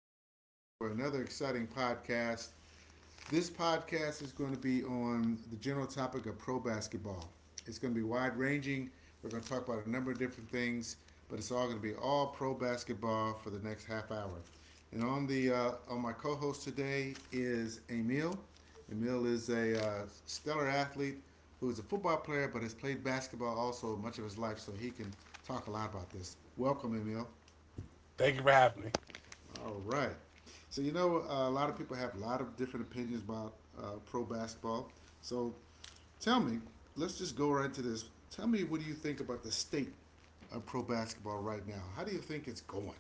back again for another exciting podcast. This podcast is going to be on the general topic of pro basketball. It's going to be wide ranging. We're going to talk about a number of different things, but it's all going to be all pro basketball for the next half hour. And on my co-host today is Emil. Emil is a stellar athlete who is a football player, but has played basketball also much of his life, so he can talk a lot about this. Welcome, Emil. Thank you for having me. All right. So a lot of people have a lot of different opinions about pro basketball. So tell me, let's just go right into this. Tell me, what do you think about the state of pro basketball right now? How do you think it's going?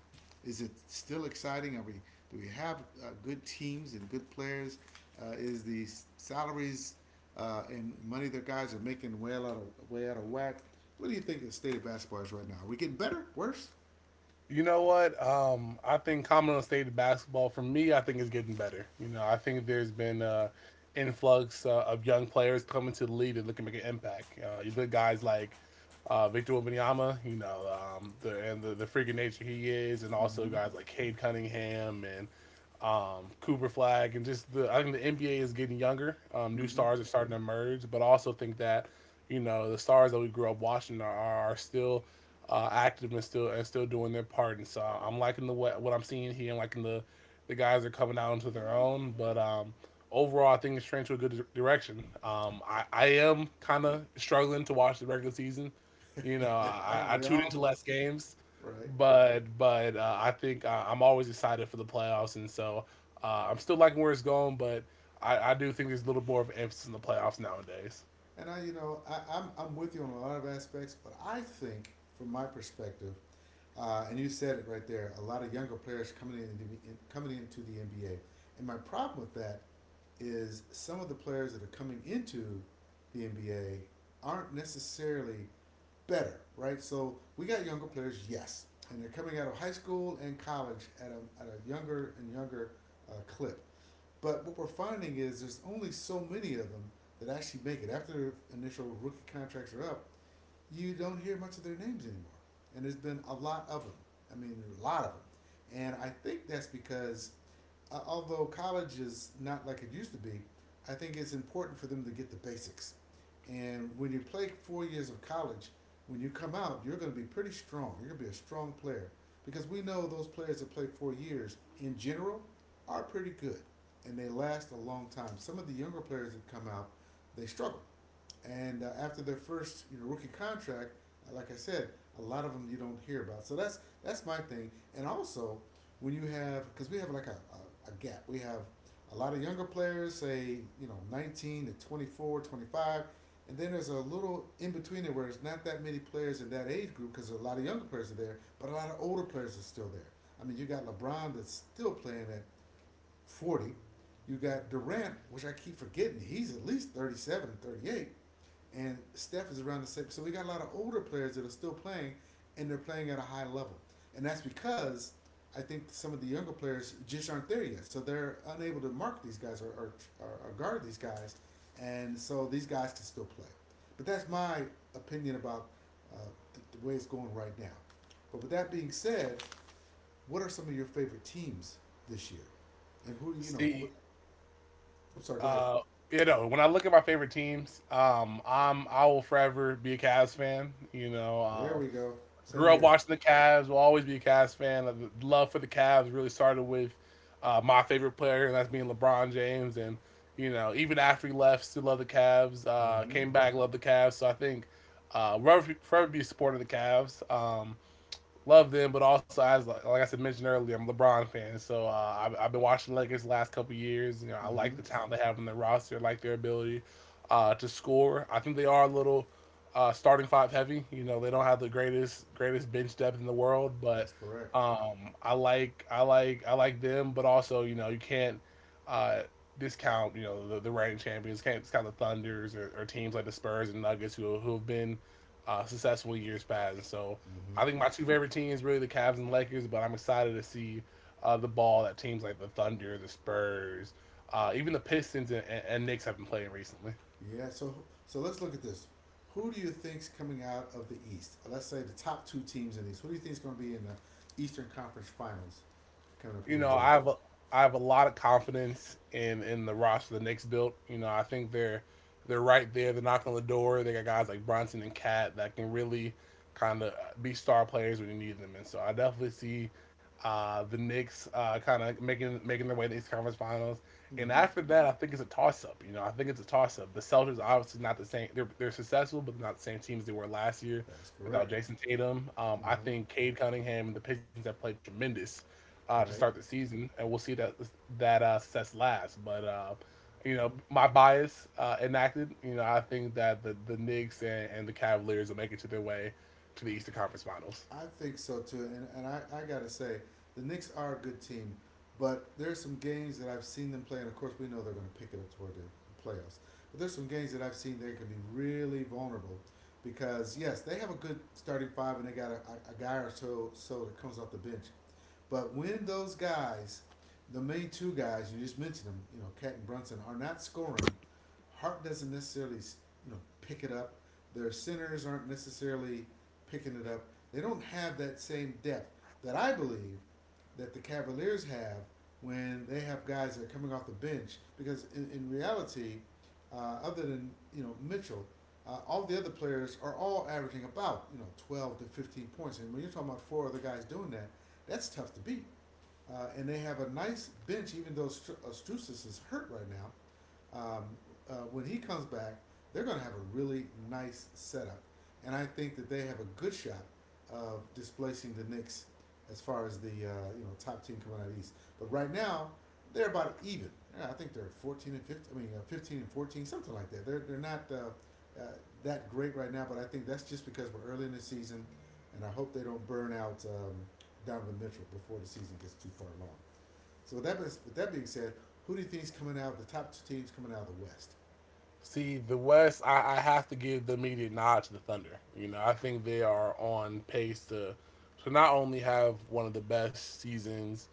Is it still exciting? Are we do we have good teams and good players? Is the salaries and money that guys are making way out of whack? What do you think the state of basketball is right now? Are we getting better, worse? You know what? I think Commodore State basketball for me, I think is getting better. You know, I think there's been influx of young players coming to the league that look to make an impact. You look at guys like Victor Wembanyama, and the freaking nature he is, and also guys like Cade Cunningham and Cooper Flag, and just the I think the NBA is getting younger. New Mm-hmm. stars are starting to emerge, but I also think that you know the stars that we grew up watching are still active and still doing their part. And so I'm liking what I'm seeing here, and liking the guys are coming out into their own. But Overall, I think it's trending to a good direction. I am kind of struggling to watch the regular season. Aren't I we tuned into all? less games Right. but I think I'm always excited for the playoffs, and so I'm still liking where it's going. But I do think there's a little more of an emphasis in the playoffs nowadays. And I, you know, I, I'm with you on a lot of aspects, but I think, from my perspective, and you said it right there, a lot of younger players coming into the NBA. And my problem with that is some of the players that are coming into the NBA aren't necessarily better, right? So we got younger players, yes, and they're coming out of high school and college at a younger and younger clip. But what we're finding is there's only so many of them that actually make it after their initial rookie contracts are up. You don't hear much of their names anymore. And there's been a lot of them. I mean, there are a lot of them. And I think that's because, although college is not like it used to be, I think it's important for them to get the basics. And when you play 4 years of college, when you come out, you're going to be pretty strong. You're going to be a strong player because we know those players that play 4 years in general are pretty good and they last a long time. Some of the younger players that come out, they struggle and after their first rookie contract, like I said, a lot of them you don't hear about. So that's my thing. And also when you have because we have like a gap, we have a lot of younger players, say 19 to 24, 25. And then there's a little in between there where it's not that many players in that age group because a lot of younger players are there, but a lot of older players are still there. I mean, you got LeBron that's still playing at 40. You got Durant, which I keep forgetting. He's at least 37, 38, and Steph is around the same. So we got a lot of older players that are still playing, and they're playing at a high level. And that's because I think some of the younger players just aren't there yet. So they're unable to mark these guys or guard these guys. And so these guys can still play. But that's my opinion about uh, the way it's going right now. But with that being said, what are some of your favorite teams this year? And who do you know? See, What? I'm sorry. Go ahead. uh, when I look at my favorite teams, I will forever be a Cavs fan. There we go. Same Grew up here. watching the Cavs. Will always be a Cavs fan. The love for the Cavs really started with my favorite player, and that's being LeBron James. And you know, even after he left, still love the Cavs. Mm-hmm. Came back, love the Cavs. So I think will forever be a supporter of the Cavs. Love them, but also as like I said mentioned earlier, I'm a LeBron fan, so I've been watching the Lakers the last couple years. You know, I Mm-hmm. like the talent they have in their roster. I like their ability to score. I think they are a little starting five heavy. You know, they don't have the greatest bench depth in the world, but That's correct. I like them, but also you know you can't uh, discount you know the reigning champions, can't discount the Thunders, or teams like the Spurs and Nuggets who have been successful in years past. So I Mm-hmm. think my two favorite teams really the Cavs and Lakers, but I'm excited to see the ball that teams like the Thunder, the Spurs, even the Pistons and Knicks have been playing recently. Yeah. So let's look at this. Who do you think's coming out of the East? Let's say the top two teams in these. Who do you think's going to be in the Eastern Conference Finals coming up you here in know, June? I have a, I have a lot of confidence in the roster the Knicks built. You know, I think they're right there. They're knocking on the door. They got guys like Bronson and Cat that can really kind of be star players when you need them. And so I definitely see the Knicks kind of making their way to the East Conference Finals. And Mm-hmm. after that, I think it's a toss up. The Celtics are obviously not the same. They're successful, but they're not the same teams they were last year That's without correct. Jason Tatum. I Mm-hmm. think Cade Cunningham and the Pistons have played tremendous to start the Right. season, and we'll see that success lasts. But you know, my bias enacted. You know, I think that the Knicks, and the Cavaliers will make it to their way to the Eastern Conference Finals. I think so too, and I gotta say the Knicks are a good team, but there's some games that I've seen them play, and of course we know they're going to pick it up toward the playoffs. But there's some games that I've seen they can be really vulnerable, because yes, they have a good starting five and they got a guy or so that comes off the bench, but when those guys, the main two guys you just mentioned them, Cat and Brunson are not scoring, Hart doesn't necessarily pick it up. Their centers aren't necessarily picking it up. They don't have that same depth that I believe that the Cavaliers have when they have guys that are coming off the bench. Because in reality, other than Mitchell, all the other players are all averaging about 12 to 15 points. And when you're talking about four other guys doing that, that's tough to beat. And they have a nice bench, even though Stru- is hurt right now, um, when he comes back, they're going to have a really nice setup. And I think that they have a good shot of displacing the Knicks as far as the top team coming out of the East. But right now, they're about even. Yeah, I think they're 14-15. I mean, 15-14, something like that. They're not that great right now, but I think that's just because we're early in the season, and I hope they don't burn out Donovan Mitchell before the season gets too far along. So with that being said, who do you think is coming out? The top two teams coming out of the West. See, the West, I have to give the immediate nod to the Thunder. You know, I think they are on pace to not only have one of the best seasons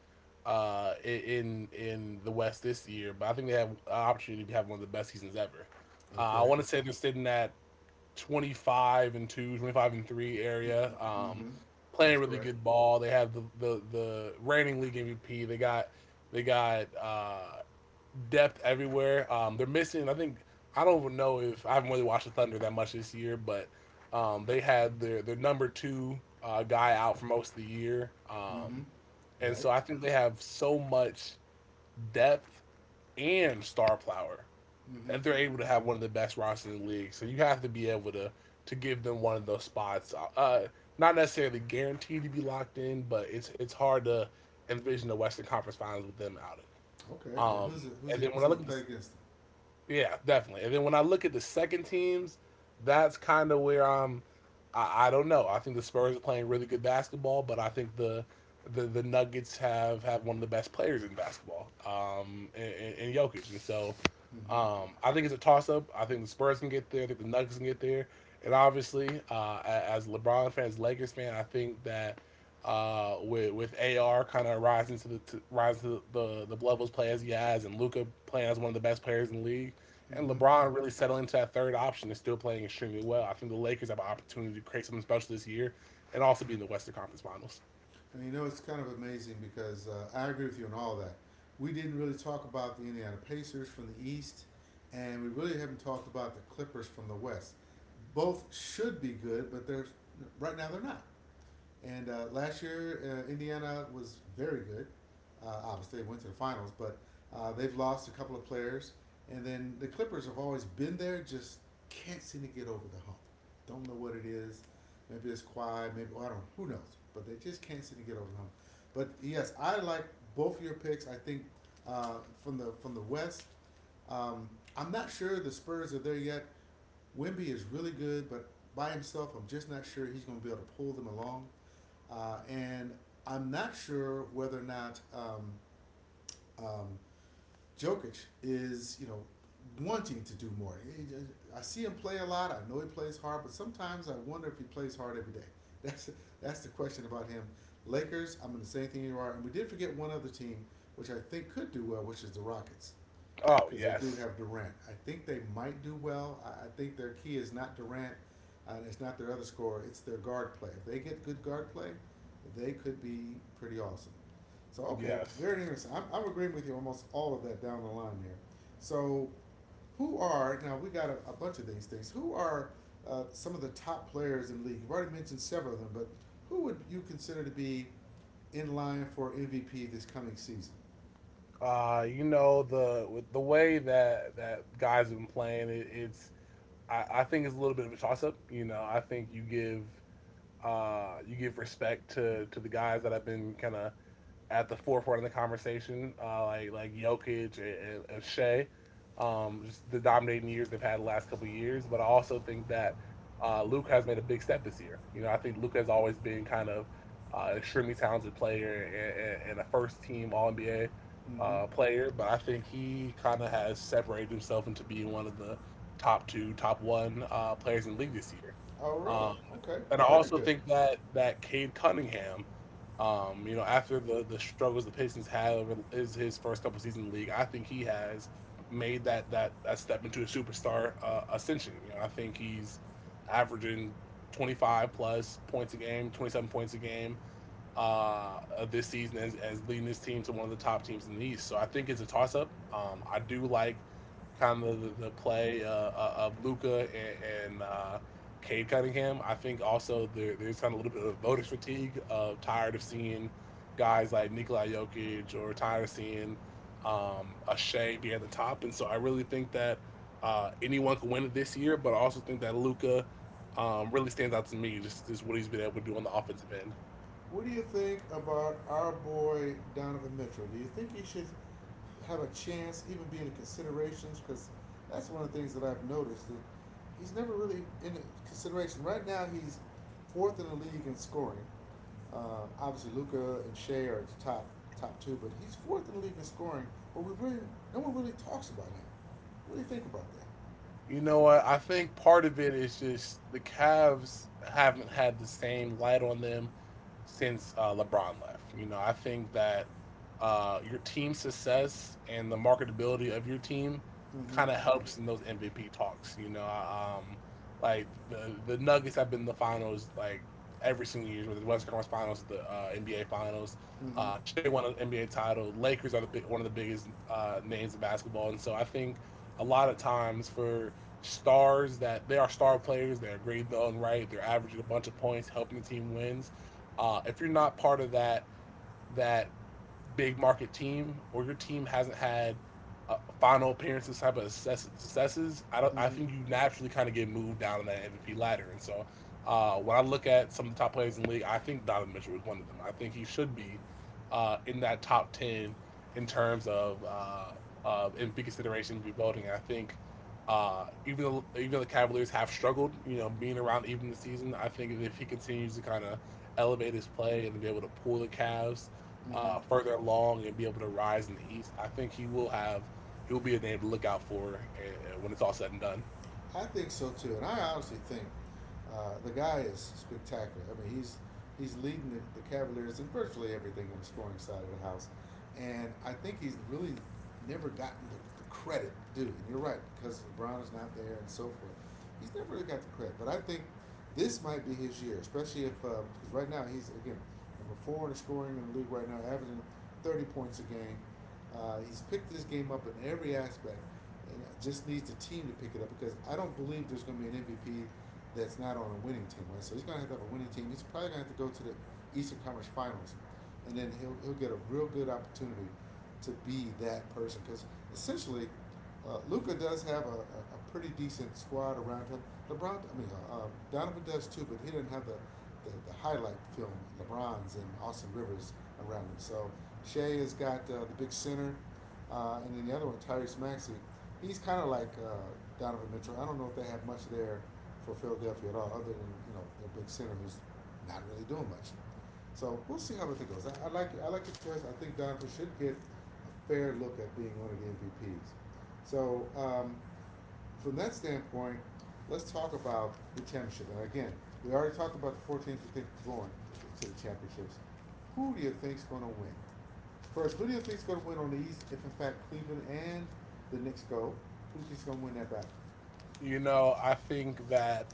in the West this year, but I think they have an opportunity to have one of the best seasons ever. I Okay. want to say they're sitting at 25-2, 25-3 area. Mm-hmm. Playing That's really correct. good ball. They have the reigning league MVP. They got depth everywhere. They're missing, I think, I don't even know if I haven't really watched the Thunder that much this year, but they had their number two guy out for most of the year. Mm-hmm. And Right. so I think they have so much depth and star power, Mm-hmm. and they're able to have one of the best rosters in the league. So you have to be able to give them one of those spots. Not necessarily guaranteed to be locked in, but it's hard to envision the Western Conference Finals with them out. Okay. And Of it. And then who's when I going look to at the play against them? Yeah, definitely. And then when I look at the second teams, that's kind of where I'm. I don't know. I think the Spurs are playing really good basketball, but I think the Nuggets have one of the best players in basketball, in Jokic. And so, Mm-hmm. I think it's a toss up. I think the Spurs can get there. I think the Nuggets can get there. And obviously, as LeBron fans, Lakers fan, I think that with AR kind of rising to the levels play as he has, and Luca playing as one of the best players in the league, and Mm-hmm. LeBron really settled into that third option is still playing extremely well. I think the Lakers have an opportunity to create something special this year, and also be in the Western Conference Finals. And you know it's kind of amazing because I agree with you on all that. We didn't really talk about the Indiana Pacers from the East, and we really haven't talked about the Clippers from the West. Both should be good, but they're right now they're not. And last year, Indiana was very good. Obviously, they went to the finals, but they've lost a couple of players. And then the Clippers have always been there, just can't seem to get over the hump. Don't know what it is. Maybe it's quiet. Maybe well, I don't know. Who knows? But they just can't seem to get over the hump. But yes, I like both of your picks. I think uh, from the West, um, I'm not sure the Spurs are there yet. Wimby is really good, but by himself, I'm just not sure he's going to be able to pull them along. And I'm not sure whether or not um, Jokic is wanting to do more. I see him play a lot. I know he plays hard, but sometimes I wonder if he plays hard every day. That's that's the question about him. Lakers, I'm going to say anything you are. And we did forget one other team, which I think could do well, which is the Rockets Oh because they do yes, have Durant. I think they might do well. I think their key is not Durant. It's not their other scorer. It's their guard play. If they get good guard play, they could be pretty awesome. So okay, yes. very interesting. I'm agreeing with you almost all of that down the line there. So who are now we got a bunch of these things. Who are some of the top players in the league? You've already mentioned several of them, but who would you consider to be in line for MVP this coming season? You know the with the way that guys have been playing, it's I think it's a little bit of a toss up. You know, I think you give respect to the guys that have been kind of at the forefront of the conversation, like Jokic, Shea, just the dominating years they've had the last couple of years. But I also think that Luke has made a big step this year. You know, I think Luke has always been kind of extremely talented player, a first team All NBA Mm-hmm. Player, but I think he kind of has separated himself into being one of the top two, top one players in the league this year. Oh, really? Um, Okay, and I very also good. think that Cade Cunningham, you know, after the struggles the Pistons had over is his first couple seasons in the league, I think he has made that step into a superstar ascension. You know, I think he's averaging 25 plus points a game, 27 points a game, of this season as leading this team to one of the top teams in the East. So I think it's a toss up. I do like kind of the play of Luca, and Cade Cunningham. I think also there's kind of a little bit of voters fatigue of tired of seeing guys like Nikola Jokic, or tired of seeing a Shea be at the top. And so I really think that anyone can win it this year, but I also think that Luca really stands out to me just what he's been able to do on the offensive end. What do you think about our boy Donovan Mitchell? Do you think he should have a chance, even be in the considerations? Because that's one of the things that I've noticed that he's never really in the consideration. Right now, he's fourth in the league in scoring. Obviously, Luca and Shea are the top two, but he's fourth in the league in scoring. But we really no one really talks about him. What do you think about that? You know what? I think part of it is just the Cavs haven't had the same light on them since LeBron left. You know, I think that your team success and the marketability of your team Mm-hmm. kind of helps in those MVP talks. Like the Nuggets have been in the finals like every single year, whether the Western Conference Finals, the NBA Finals. Mm-hmm. Shea won an NBA title. Lakers are one of the biggest names in basketball, and so I think a lot of times for stars that they are star players. They are graded the right. They're averaging a bunch of points, helping the team wins. If you're not part of that big market team, or your team hasn't had final appearances type of successes, I don't. I Mm-hmm. think you naturally kind of get moved down in that MVP ladder. And so, when I look at some of the top players in the league, I think Donovan Mitchell is one of them. I think he should be in that top 10 in terms of MVP consideration, MVP voting. I think. Even though the Cavaliers have struggled, you know, being around even the season, I think if he continues to kind of elevate his play and be able to pull the Cavs Hmm. Further along and be able to rise in the East, I think he will be a name to look out for when it's all said and done. I think so too, and I honestly think the guy is spectacular. I mean, he's leading the Cavaliers in virtually everything on the scoring side of the house, and I think he's really never gotten the credit due. And you're right because LeBron is not there and so forth. He's never really got the credit, but I think this might be his year, especially if because right now he's again number four in the scoring in the league right now, averaging 30 points a game. He's picked this game up in every aspect, and just needs the team to pick it up because I don't believe there's going to be an MVP that's not on a winning team, right? So he's going to have a winning team. He's probably going to have to go to the Eastern Conference Finals, and then he'll get a real good opportunity to be that person because essentially Luca does have a pretty decent squad around him. LeBron, I mean, Donovan does too, but he didn't have the highlight film. LeBron's and Austin Rivers around him. So Shea has got the big center, and then the other one, Tyrese Maxey. He's kind of like Donovan Mitchell. I don't know if they have much there for Philadelphia at all, other than you know their big center who's not really doing much. So we'll see how it goes. I like I like the choice. I think Donovan should get a fair look at being one of the MVPs. So um, from that standpoint, let's talk about the championship. And again, we already talked about the four teams we think are going to the championships. Who do you think's going to win? First, who do you think's going to win on the East if, in fact, Cleveland and the Knicks go? Who do you think's going to win that battle? You know, I think that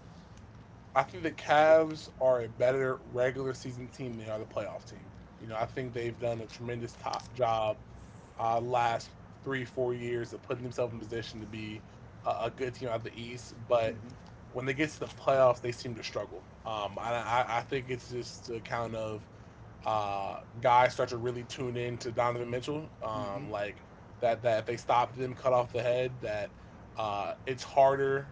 I think the Cavs are a better regular season team than they are the playoff team. You know, I think they've done a tremendous top job last 3 4 years of putting themselves in position to be a good team out of the East, but Mm-hmm. when they get to the playoffs, they seem to struggle. And I think it's just a count of guys start to really tune in to Donovan Mitchell. Mm-hmm. Like that if they stop them, cut off the head. That It's harder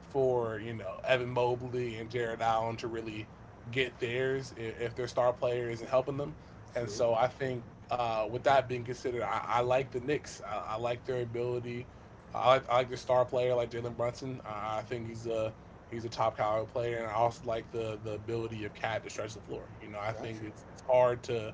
for you know Evan Mobley and Jared Allen to really get theirs if their star player isn't helping them. And True. so I think, with that being considered, I like the Knicks. I like their ability. I like their star player, like Jalen Brunson. I think he's a top caliber player, and I also like the ability of Cat to stretch the floor. You know, I think Gotcha. It's hard to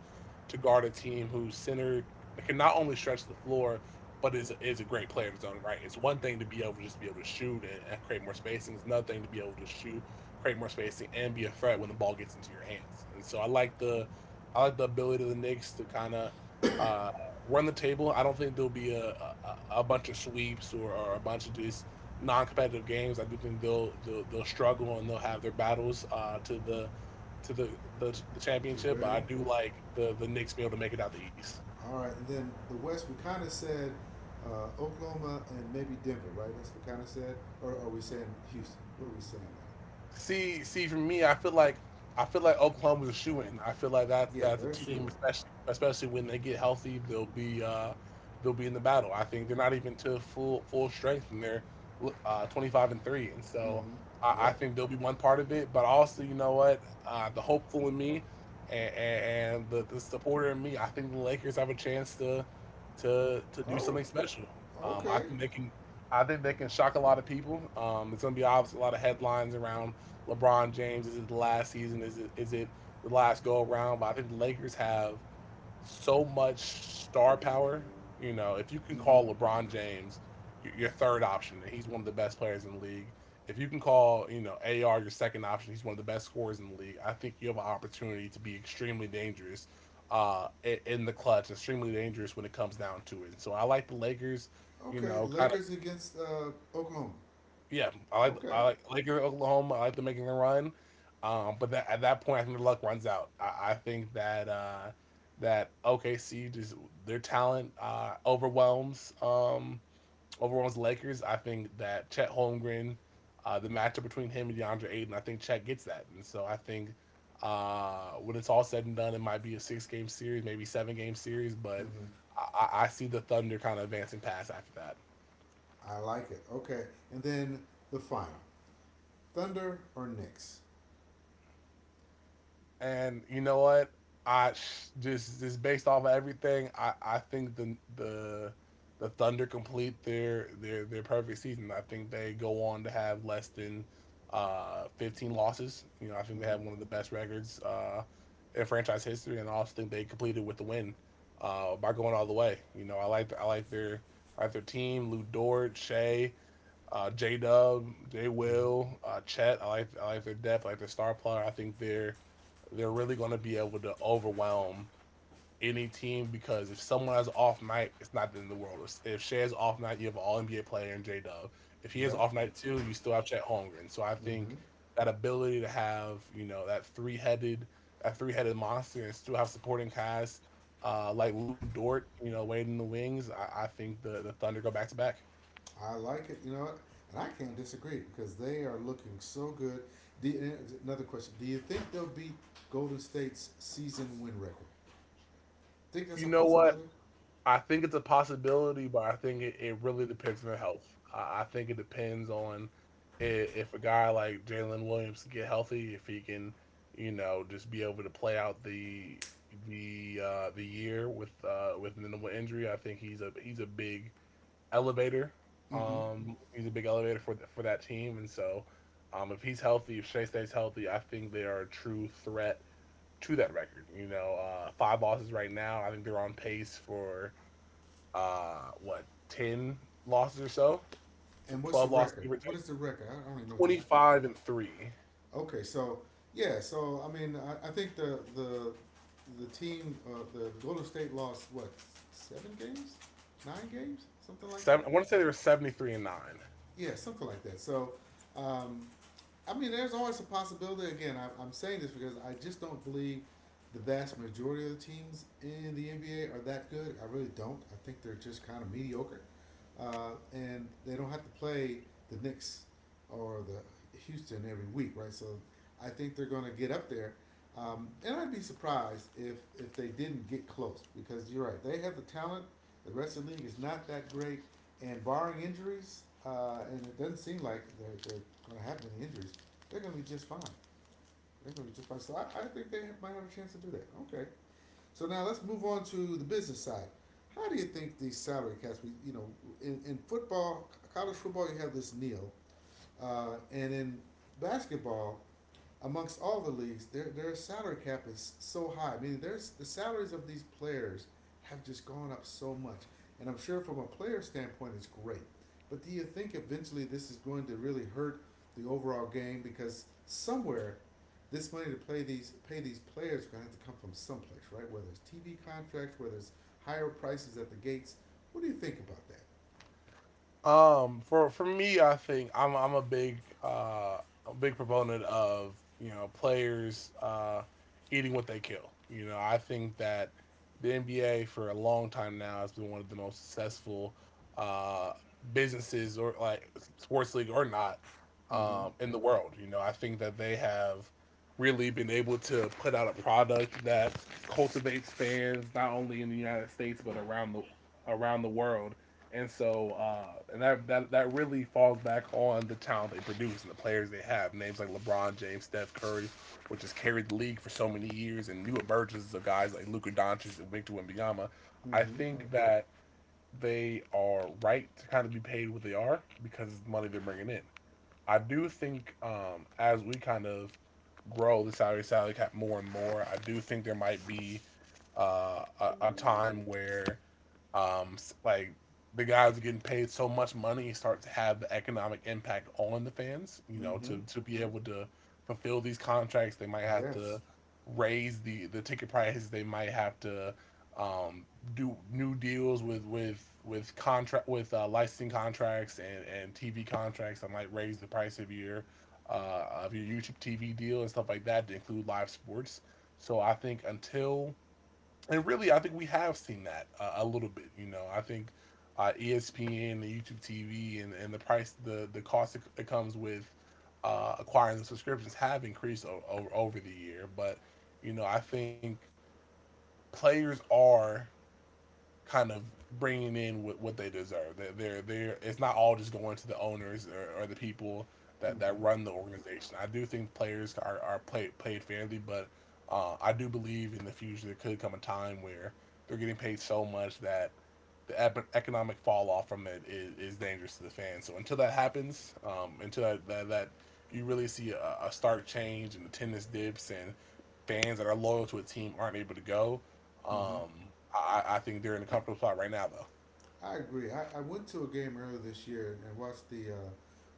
guard a team whose center can not only stretch the floor but is a great player in his own right. It's one thing to be able to just be able to shoot and create more spacing. It's another thing to be able to shoot, create more spacing, and be a threat when the ball gets into your hands. And so I like the ability of the Knicks to kind of uh, run the table. I don't think there'll be a bunch of sweeps or a bunch of just non-competitive games. I do think they'll struggle and they'll have their battles to the to the, the Two championship. But I very do like the Knicks being able to make it out the East. All right, and then the West, we kind of said Oklahoma and maybe Denver, right? That's what we kind of said. Or are we saying Houston? What are we saying See, for me, I feel like Oklahoma's a shoe in. I feel like there? Yeah, that's there's a Shua. team, especially when they get healthy, they'll be in the battle. I think they're not even to full strength, and they're 25 and three, and so Mm-hmm. I Yep. think they'll be one part of it. But also, you know what, the hopeful in me and the supporter in me, I think the Lakers have a chance to do Oh, something special. Um, I okay. think they can I think they can shock a lot of people. There's going to be obviously a lot of headlines around LeBron James. Is it the last season? Is it the last go around? But I think the Lakers have so much star power. You know, if you can Mm-hmm. call LeBron James your third option, and he's one of the best players in the league. If you can call, you know, AR your second option, he's one of the best scorers in the league. I think you have an opportunity to be extremely dangerous uh, in the clutch, extremely dangerous when it comes down to it. So I like the Lakers, you Okay, know, kind of Lakers against Oklahoma. yeah, Okay. I like Laker Oklahoma. I like them making the run, but at that point, I think the luck runs out. I think that OKC just their talent overwhelms the Lakers. I think that Chet Holmgren, the matchup between him and DeAndre Ayton, I think Chet gets that, and so I think when it's all said and done, it might be a six game series, maybe seven game series, but Mm-hmm. I see the Thunder kind of advancing past after that. I like it. Okay, and then the final: Thunder or Knicks? And you know what? I Just based off of everything, I think the Thunder complete their perfect season. I think they go on to have less than 15 losses. You know, I think they Mm-hmm. have one of the best records in franchise history, and I also think they completed with the win by going all the way. You know, I like their team: Lou Dort, Shea, J Dub, J Mm-hmm. Will, Chet. I like their depth. I like their star player. I think they're really going to be able to overwhelm any team because if someone has off night, it's not in the world. If Shea's off night, you have an all NBA player and J Dub. If he has Yeah. off night too, you still have Chet Holmgren. So I Mm-hmm. think that ability to have you know that three headed monster and still have supporting cast like Lou Dort, you know, waiting in the wings. I think the Thunder go back to back. I like it. You know what? And I can't disagree because they are looking so good. Do you- another question: Do you think they'll beat Golden State's season win record? Think that's You a know what? possibility? I think it's a possibility, but I think it really depends on the health. I think it depends on if a guy like Jalen Williams can get healthy, if he can, you know, just be able to play out the year with minimal injury. I think he's a big elevator. Mm-hmm. He's a big elevator for for that team, and so if he's healthy, if Shea stays healthy, I think they are a true threat to that record. You know, five losses right now. I think they're on pace for what, 10 losses or so, And what's the 12 losses record? give or What take. is the record? I don't even know what the record I think. 25 and 3. Okay, so yeah, so I mean, I think the team, the Golden State lost what seven games, nine games, something like Seven, that. I want to say they were 73 and 9. Yeah, something like that. Um, I mean, there's always a possibility. Again, I'm saying this because I just don't believe the vast majority of the teams in the NBA are that good. I really don't. I think they're just kind of mediocre, and they don't have to play the Knicks or the Houston every week, right? So I think they're going to get up there. And I'd be surprised if they didn't get close because you're right. They have the talent. The rest of the league is not that great, and barring injuries, and it doesn't seem like they're going to have any injuries. They're going to be just fine. They're going to be just fine. So I think they have, might have a chance to do that. Okay. So now let's move on to the business side. How do you think these salary caps? We, you know, in football, college football, you have this nil, and in basketball, amongst all the leagues, their salary cap is so high. I mean, there's the salaries of these players have just gone up so much, and I'm sure from a player standpoint, it's great. But do you think eventually this is going to really hurt the overall game because somewhere this money to play these pay these players is going to have to come from someplace, right? Whether it's TV contracts, whether it's higher prices at the gates. What do you think about that? For me, I think I'm uh a big proponent of you know players eating what they kill. You know, I think that the NBA for a long time now has been one of the most successful uh businesses, or like sports league or not, Mm-hmm. um, in the world. You know, I think that they have really been able to put out a product that cultivates fans not only in the United States but around the world, and so, and that, that that really falls back on the talent they produce and the players they have. Names like LeBron James, Steph Curry, which has carried the league for so many years, and new emergence of guys like Luka Doncic and Victor Wembanyama. I Mm-hmm. think that they are right to kind of be paid what they are because of the money they're bringing in. I do think as we kind of grow the salary cap more and more, I do think there might be a time where um, like the guys are getting paid so much money start to have the economic impact on the fans. You know, Mm-hmm. to be able to fulfill these contracts, they might have Yes. to raise the ticket prices. They might have to um, do new deals with contract with licensing contracts and TV contracts and like raise the price of your YouTube TV deal and stuff like that to include live sports. So I think until and really I think we have seen that a little bit. You know I think ESPN, the YouTube TV, and the price the cost it comes with acquiring the subscriptions have increased over the year. But you know I think players are kind of bringing in what they deserve. That they're, it's not all just going to the owners or the people that Mm-hmm. run the organization. I do think players are played paid fairly, but I do believe in the future there could come a time where they're getting paid so much that the economic fall off from it is dangerous to the fans. So until that happens, until that you really see a stark change in attendance dips and fans that are loyal to a team aren't able to go, Mm-hmm. um, I think they're in a comfortable spot right now, though. I agree. I went to a game earlier this year and watched the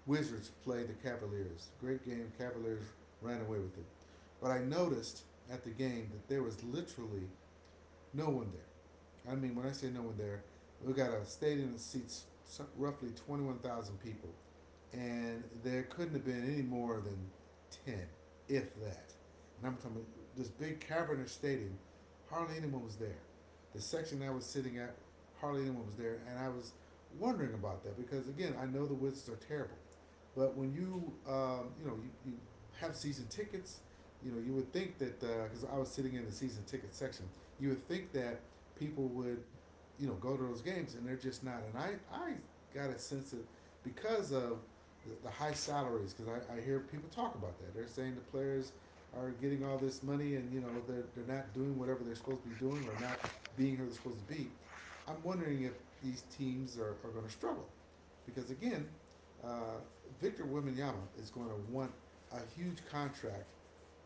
Wizards play the Cavaliers. Great game. Cavaliers ran away with it. But I noticed at the game that there was literally no one there. I mean, when I say no one there, we got a stadium that seats so- roughly 21,000 people and there couldn't have been any more than 10, if that. And I'm talking about this big cavernous stadium. Hardly anyone was there. The section I was sitting at, hardly anyone was there, and I was wondering about that because again, I know the Wizards are terrible, but when you you know you, you have season tickets, you know you would think that because I was sitting in the season ticket section, you would think that people would you know go to those games, and they're just not. And I got a sense that because of the high salaries. Because I hear people talk about that. They're saying the players are getting all this money and you know they're not doing whatever they're supposed to be doing or not being who they're supposed to be. I'm wondering if these teams are going to struggle because again, uh, Victor Wembanyama is going to want a huge contract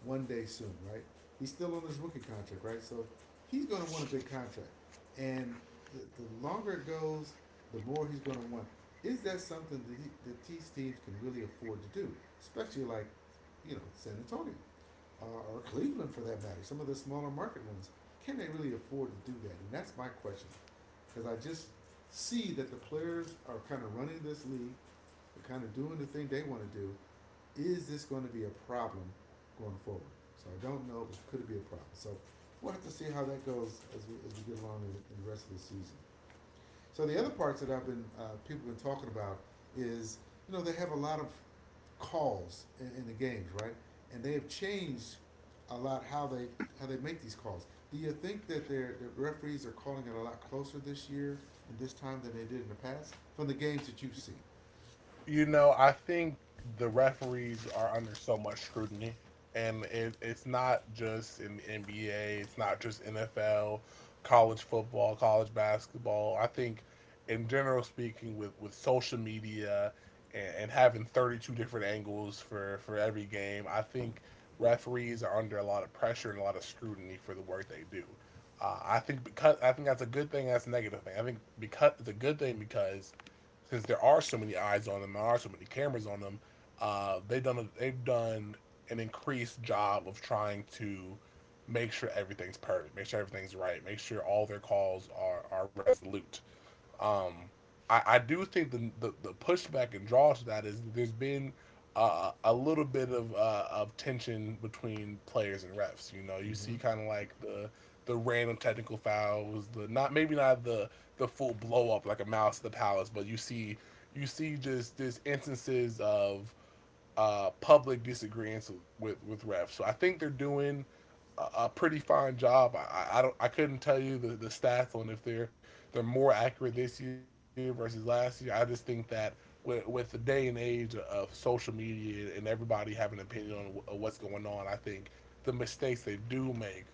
one day soon, right? He's still on his rookie contract, right? So he's going to want a big contract. And the longer it goes, the more he's going to want. Is that something that, he, that these teams can really afford to do? Especially like, you know, San Antonio uh, or Cleveland for that matter, some of the smaller market ones. Can they really afford to do that? And that's my question. Because I just see that the players are kind of running this league they're kind of doing the thing they want to do. Is this going to be a problem going forward? So I don't know, but could it be a problem? So we'll have to see how that goes as we get along in the rest of the season. So the other parts that I've been people have been talking about is you know they have a lot of calls in the games, right? And they have changed a lot how they make these calls. Do you think that their the referees are calling it a lot closer this year and this time than they did in the past from the games that you've seen? You know, I think the referees are under so much scrutiny, and it's not just in the NBA, it's not just NFL, college football, college basketball. I think, in general speaking, with social media and having 32 different angles for every game, I think referees are under a lot of pressure and a lot of scrutiny for the work they do. I think because I think that's a good thing. That's a negative thing. I think because it's a good thing because since there are so many eyes on them, there are so many cameras on them. They've done an increased job of trying to make sure everything's perfect, make sure everything's right, make sure all their calls are resolute. Um, I do think the pushback and draw to that is that there's been a little bit of tension between players and refs. You know, you see Mm-hmm. kind of like the random technical fouls, the not maybe not the the full blow up like a mouse to the palace, but you see just instances of public disagreements with refs. So I think they're doing a pretty fine job. I couldn't tell you the stats on if they're more accurate this year versus last year. I just think that with the day and age of social media and everybody having an opinion on what's going on, I think the mistakes they do make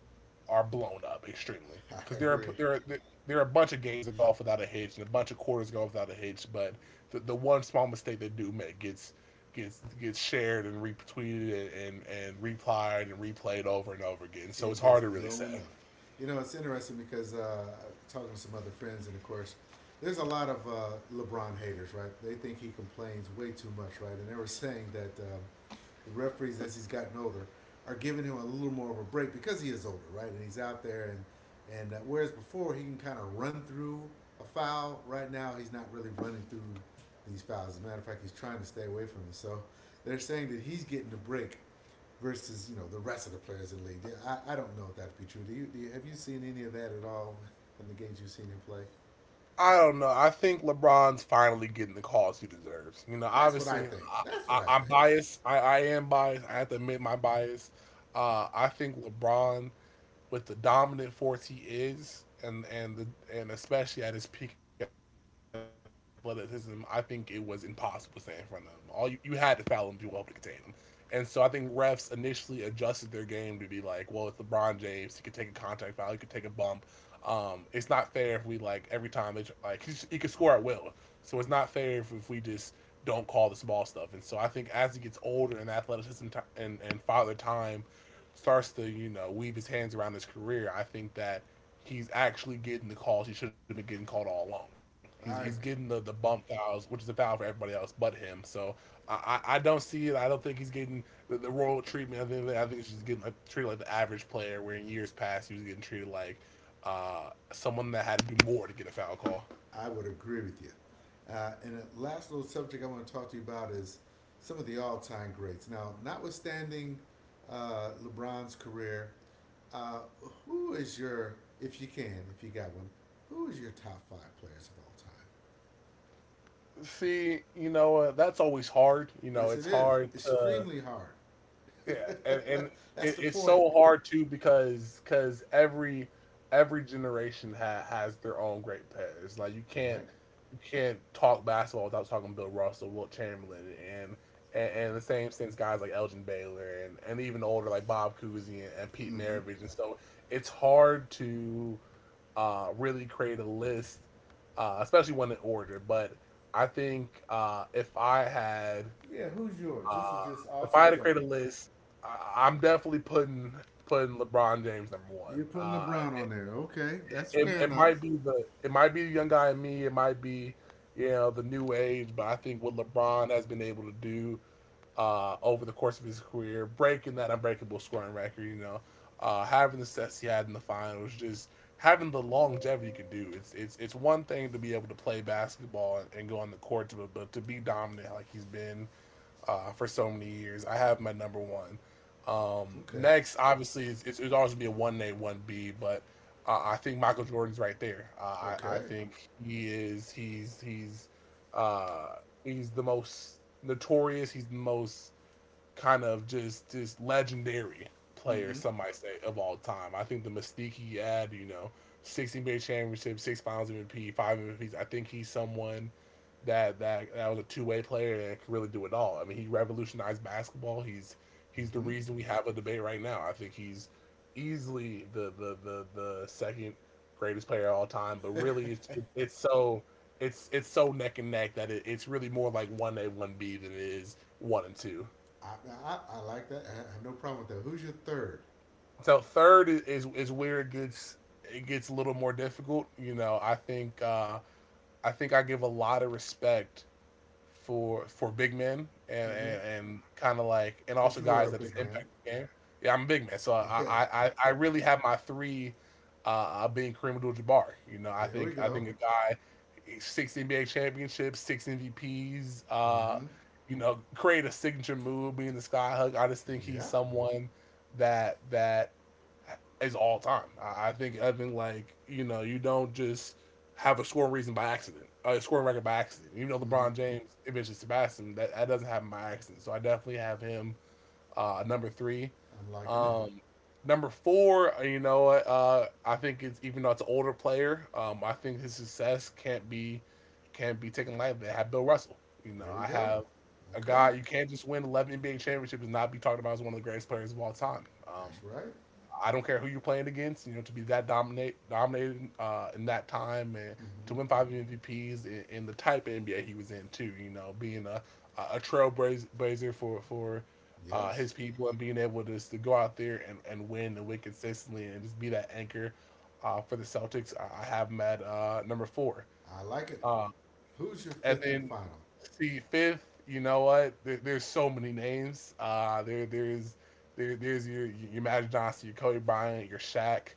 are blown up extremely I because agree. There are a bunch of games that go off without a hitch and a bunch of quarters go off without a hitch, but the one small mistake they do make gets shared and retweeted and replied and replayed over and over again. So it's It gets hard to really say. blown up. You know, it's interesting because talking to some other friends, and of course, there's a lot of LeBron haters, right? They think he complains way too much, right? And they were saying that the referees, as he's gotten older, are giving him a little more of a break because he is older, right? And he's out there, and whereas before he can kind of run through a foul, right now he's not really running through these fouls. As a matter of fact, he's trying to stay away from them. So they're saying that he's getting a break versus you know the rest of the players in the league. I don't know if that to be true. Do you have you seen any of that at all from the games you've seen him play? I don't know. I think LeBron's finally getting the calls he deserves. You know, That's what I obviously, think. That's what I, I I, am think. biased. I am biased. I have to admit my bias. I think LeBron with the dominant force he is, and the and especially at his peak athleticism, I think it was impossible to stand in front of him. All you had to foul him to be able to contain him, and so I think refs initially adjusted their game to be like, well, it's LeBron James, he could take a contact foul, he could take a bump. It's not fair if we like every time they like he could score at will, so it's not fair if we just don't call the small stuff. And so I think as he gets older and athleticism t- and father time starts to, you know, weave his hands around his career, I think that he's actually getting the calls he should have been getting called all along. He's getting I the bump fouls, which is a foul for everybody else but him. So I don't see it. I don't think he's getting the royal treatment. I think he's just getting, like, treated like the average player, where in years past he was getting treated like someone that had to do more to get a foul call. I would agree with you. And the last little subject I want to talk to you about is some of the all-time greats. Now, notwithstanding LeBron's career, uh, who is your if you can, if you got one, who is your top 5 players of all time? See, you know, that's always hard. You know, Yes, it's it is. hard to. Extremely hard. Yeah, and That's it, the it's point, so hard too because every every generation has their own great players. Like right? you can't talk basketball without talking Bill Russell, Wilt Chamberlain, and the same things guys like Elgin Baylor, and even older like Bob Cousy, and Pete Mm-hmm. Maravich. And so it's hard to really create a list, especially one in order. But I think Yeah, who's yours? This is uh, just all if I had to create subjective. a list, I'm definitely putting LeBron James number one. You're putting LeBron on there. Okay, that's fair It might enough. be the it might be the young guy in me. It might be, you know, the new age, but I think what LeBron has been able to do over the course of his career, breaking that unbreakable scoring record, you know, having the sets he had in the finals, just having the longevity you can do. It's one thing to be able to play basketball and go on the court, but to be dominant like he's been for so many years. I have my number one. Okay. Next, obviously, it'd always be a one A, one B, but I think Michael Jordan's right there. I I Okay. think he is. Uh, he's the most notorious. He's the most kind of just legendary player, Mm-hmm. some might say, of all time. I think the mystique he had, you know, six NBA championships, six Finals MVP, five MVPs. I think he's someone that was a two-way player and could really do it all. I mean, he revolutionized basketball. He's the Mm-hmm. reason we have a debate right now. I think he's easily the second greatest player of all time. But really, it's so. it's so neck and neck that it's really more like one A one B than it is one and two. I, I like that. I have no problem with that. Who's your third? So third is where it gets a little more difficult. You know, I think I give a lot of respect for big men and Mm-hmm. and, and kind of like and also Because you are guys a that just big man. impact the game. Yeah, I'm a big man, so I Yeah. I, I I really have my three being Kareem Abdul-Jabbar. You know, I There we think I go. think a guy, six NBA championships, six MVPs. Mm-hmm. You know, create a signature move, being the sky hug. I just think he's Yeah. someone that is all time. I think like, you know, you don't just have a scoring reason by accident, a scoring record by accident. Even though Mm-hmm. LeBron James eventually surpassed him, that doesn't happen by accident. So I definitely have him number three. I'm liking it. Um, number four, I think it's even though it's an older player, I think his success can't be taken lightly. I have Bill Russell. You know, There we I go. have a Okay. guy you can't just win 11 NBA championships and not be talked about as one of the greatest players of all time. That's right. I don't care who you're playing against. You know, to be that dominated in that time and to Mm-hmm. win five MVPs in the type of NBA he was in too. You know, being a trailblazer for Yes. his people and being able to, just to go out there and win consistently and just be that anchor for the Celtics. I have him at number four. I like it. Uh, Who's your and fifth and then final? see, fifth, you know what? There's so many names. There's your Magic Johnson, your Kobe Bryant, your Shaq.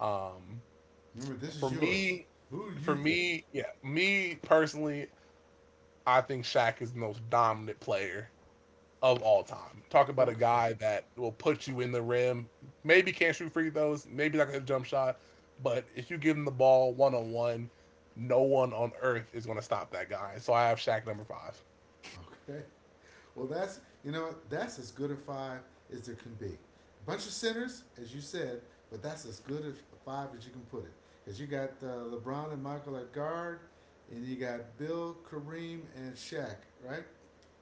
Um, Remember, this for is yours. me, Who do you think? Yeah, me personally, I think Shaq is the most dominant player of all time. Talk about a Okay. guy that will put you in the rim. Maybe can't shoot free throws. Maybe not gonna hit a jump shot. But if you give him the ball one on one, no one on earth is gonna stop that guy. So I have Shaq number five. Okay. Well, that's, you know, that's as good a five as there can be. A Bunch of sinners, as you said, but that's as good a five as you can put it. Because you got LeBron and Michael at guard, and you got Bill, Kareem, and Shaq, right?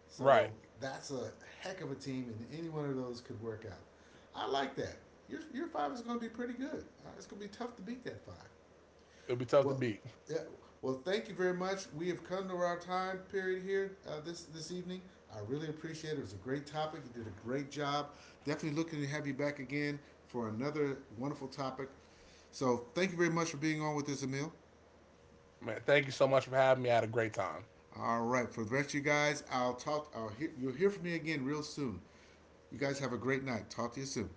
So Right. that's a heck of a team, and any one of those could work out. I like that. Your five is going to be pretty good. It's going to be tough to beat that five. It'll be tough to Well, beat. yeah, well, thank you very much. We have come to our time period here this this evening. I really appreciate it. It was a great topic. You did a great job. Definitely looking to have you back again for another wonderful topic. So thank you very much for being on with us, Emil. Man, thank you so much for having me. I had a great time. All right, for the rest of you guys, I'll talk. I'll hear, you'll hear from me again real soon. You guys have a great night. Talk to you soon.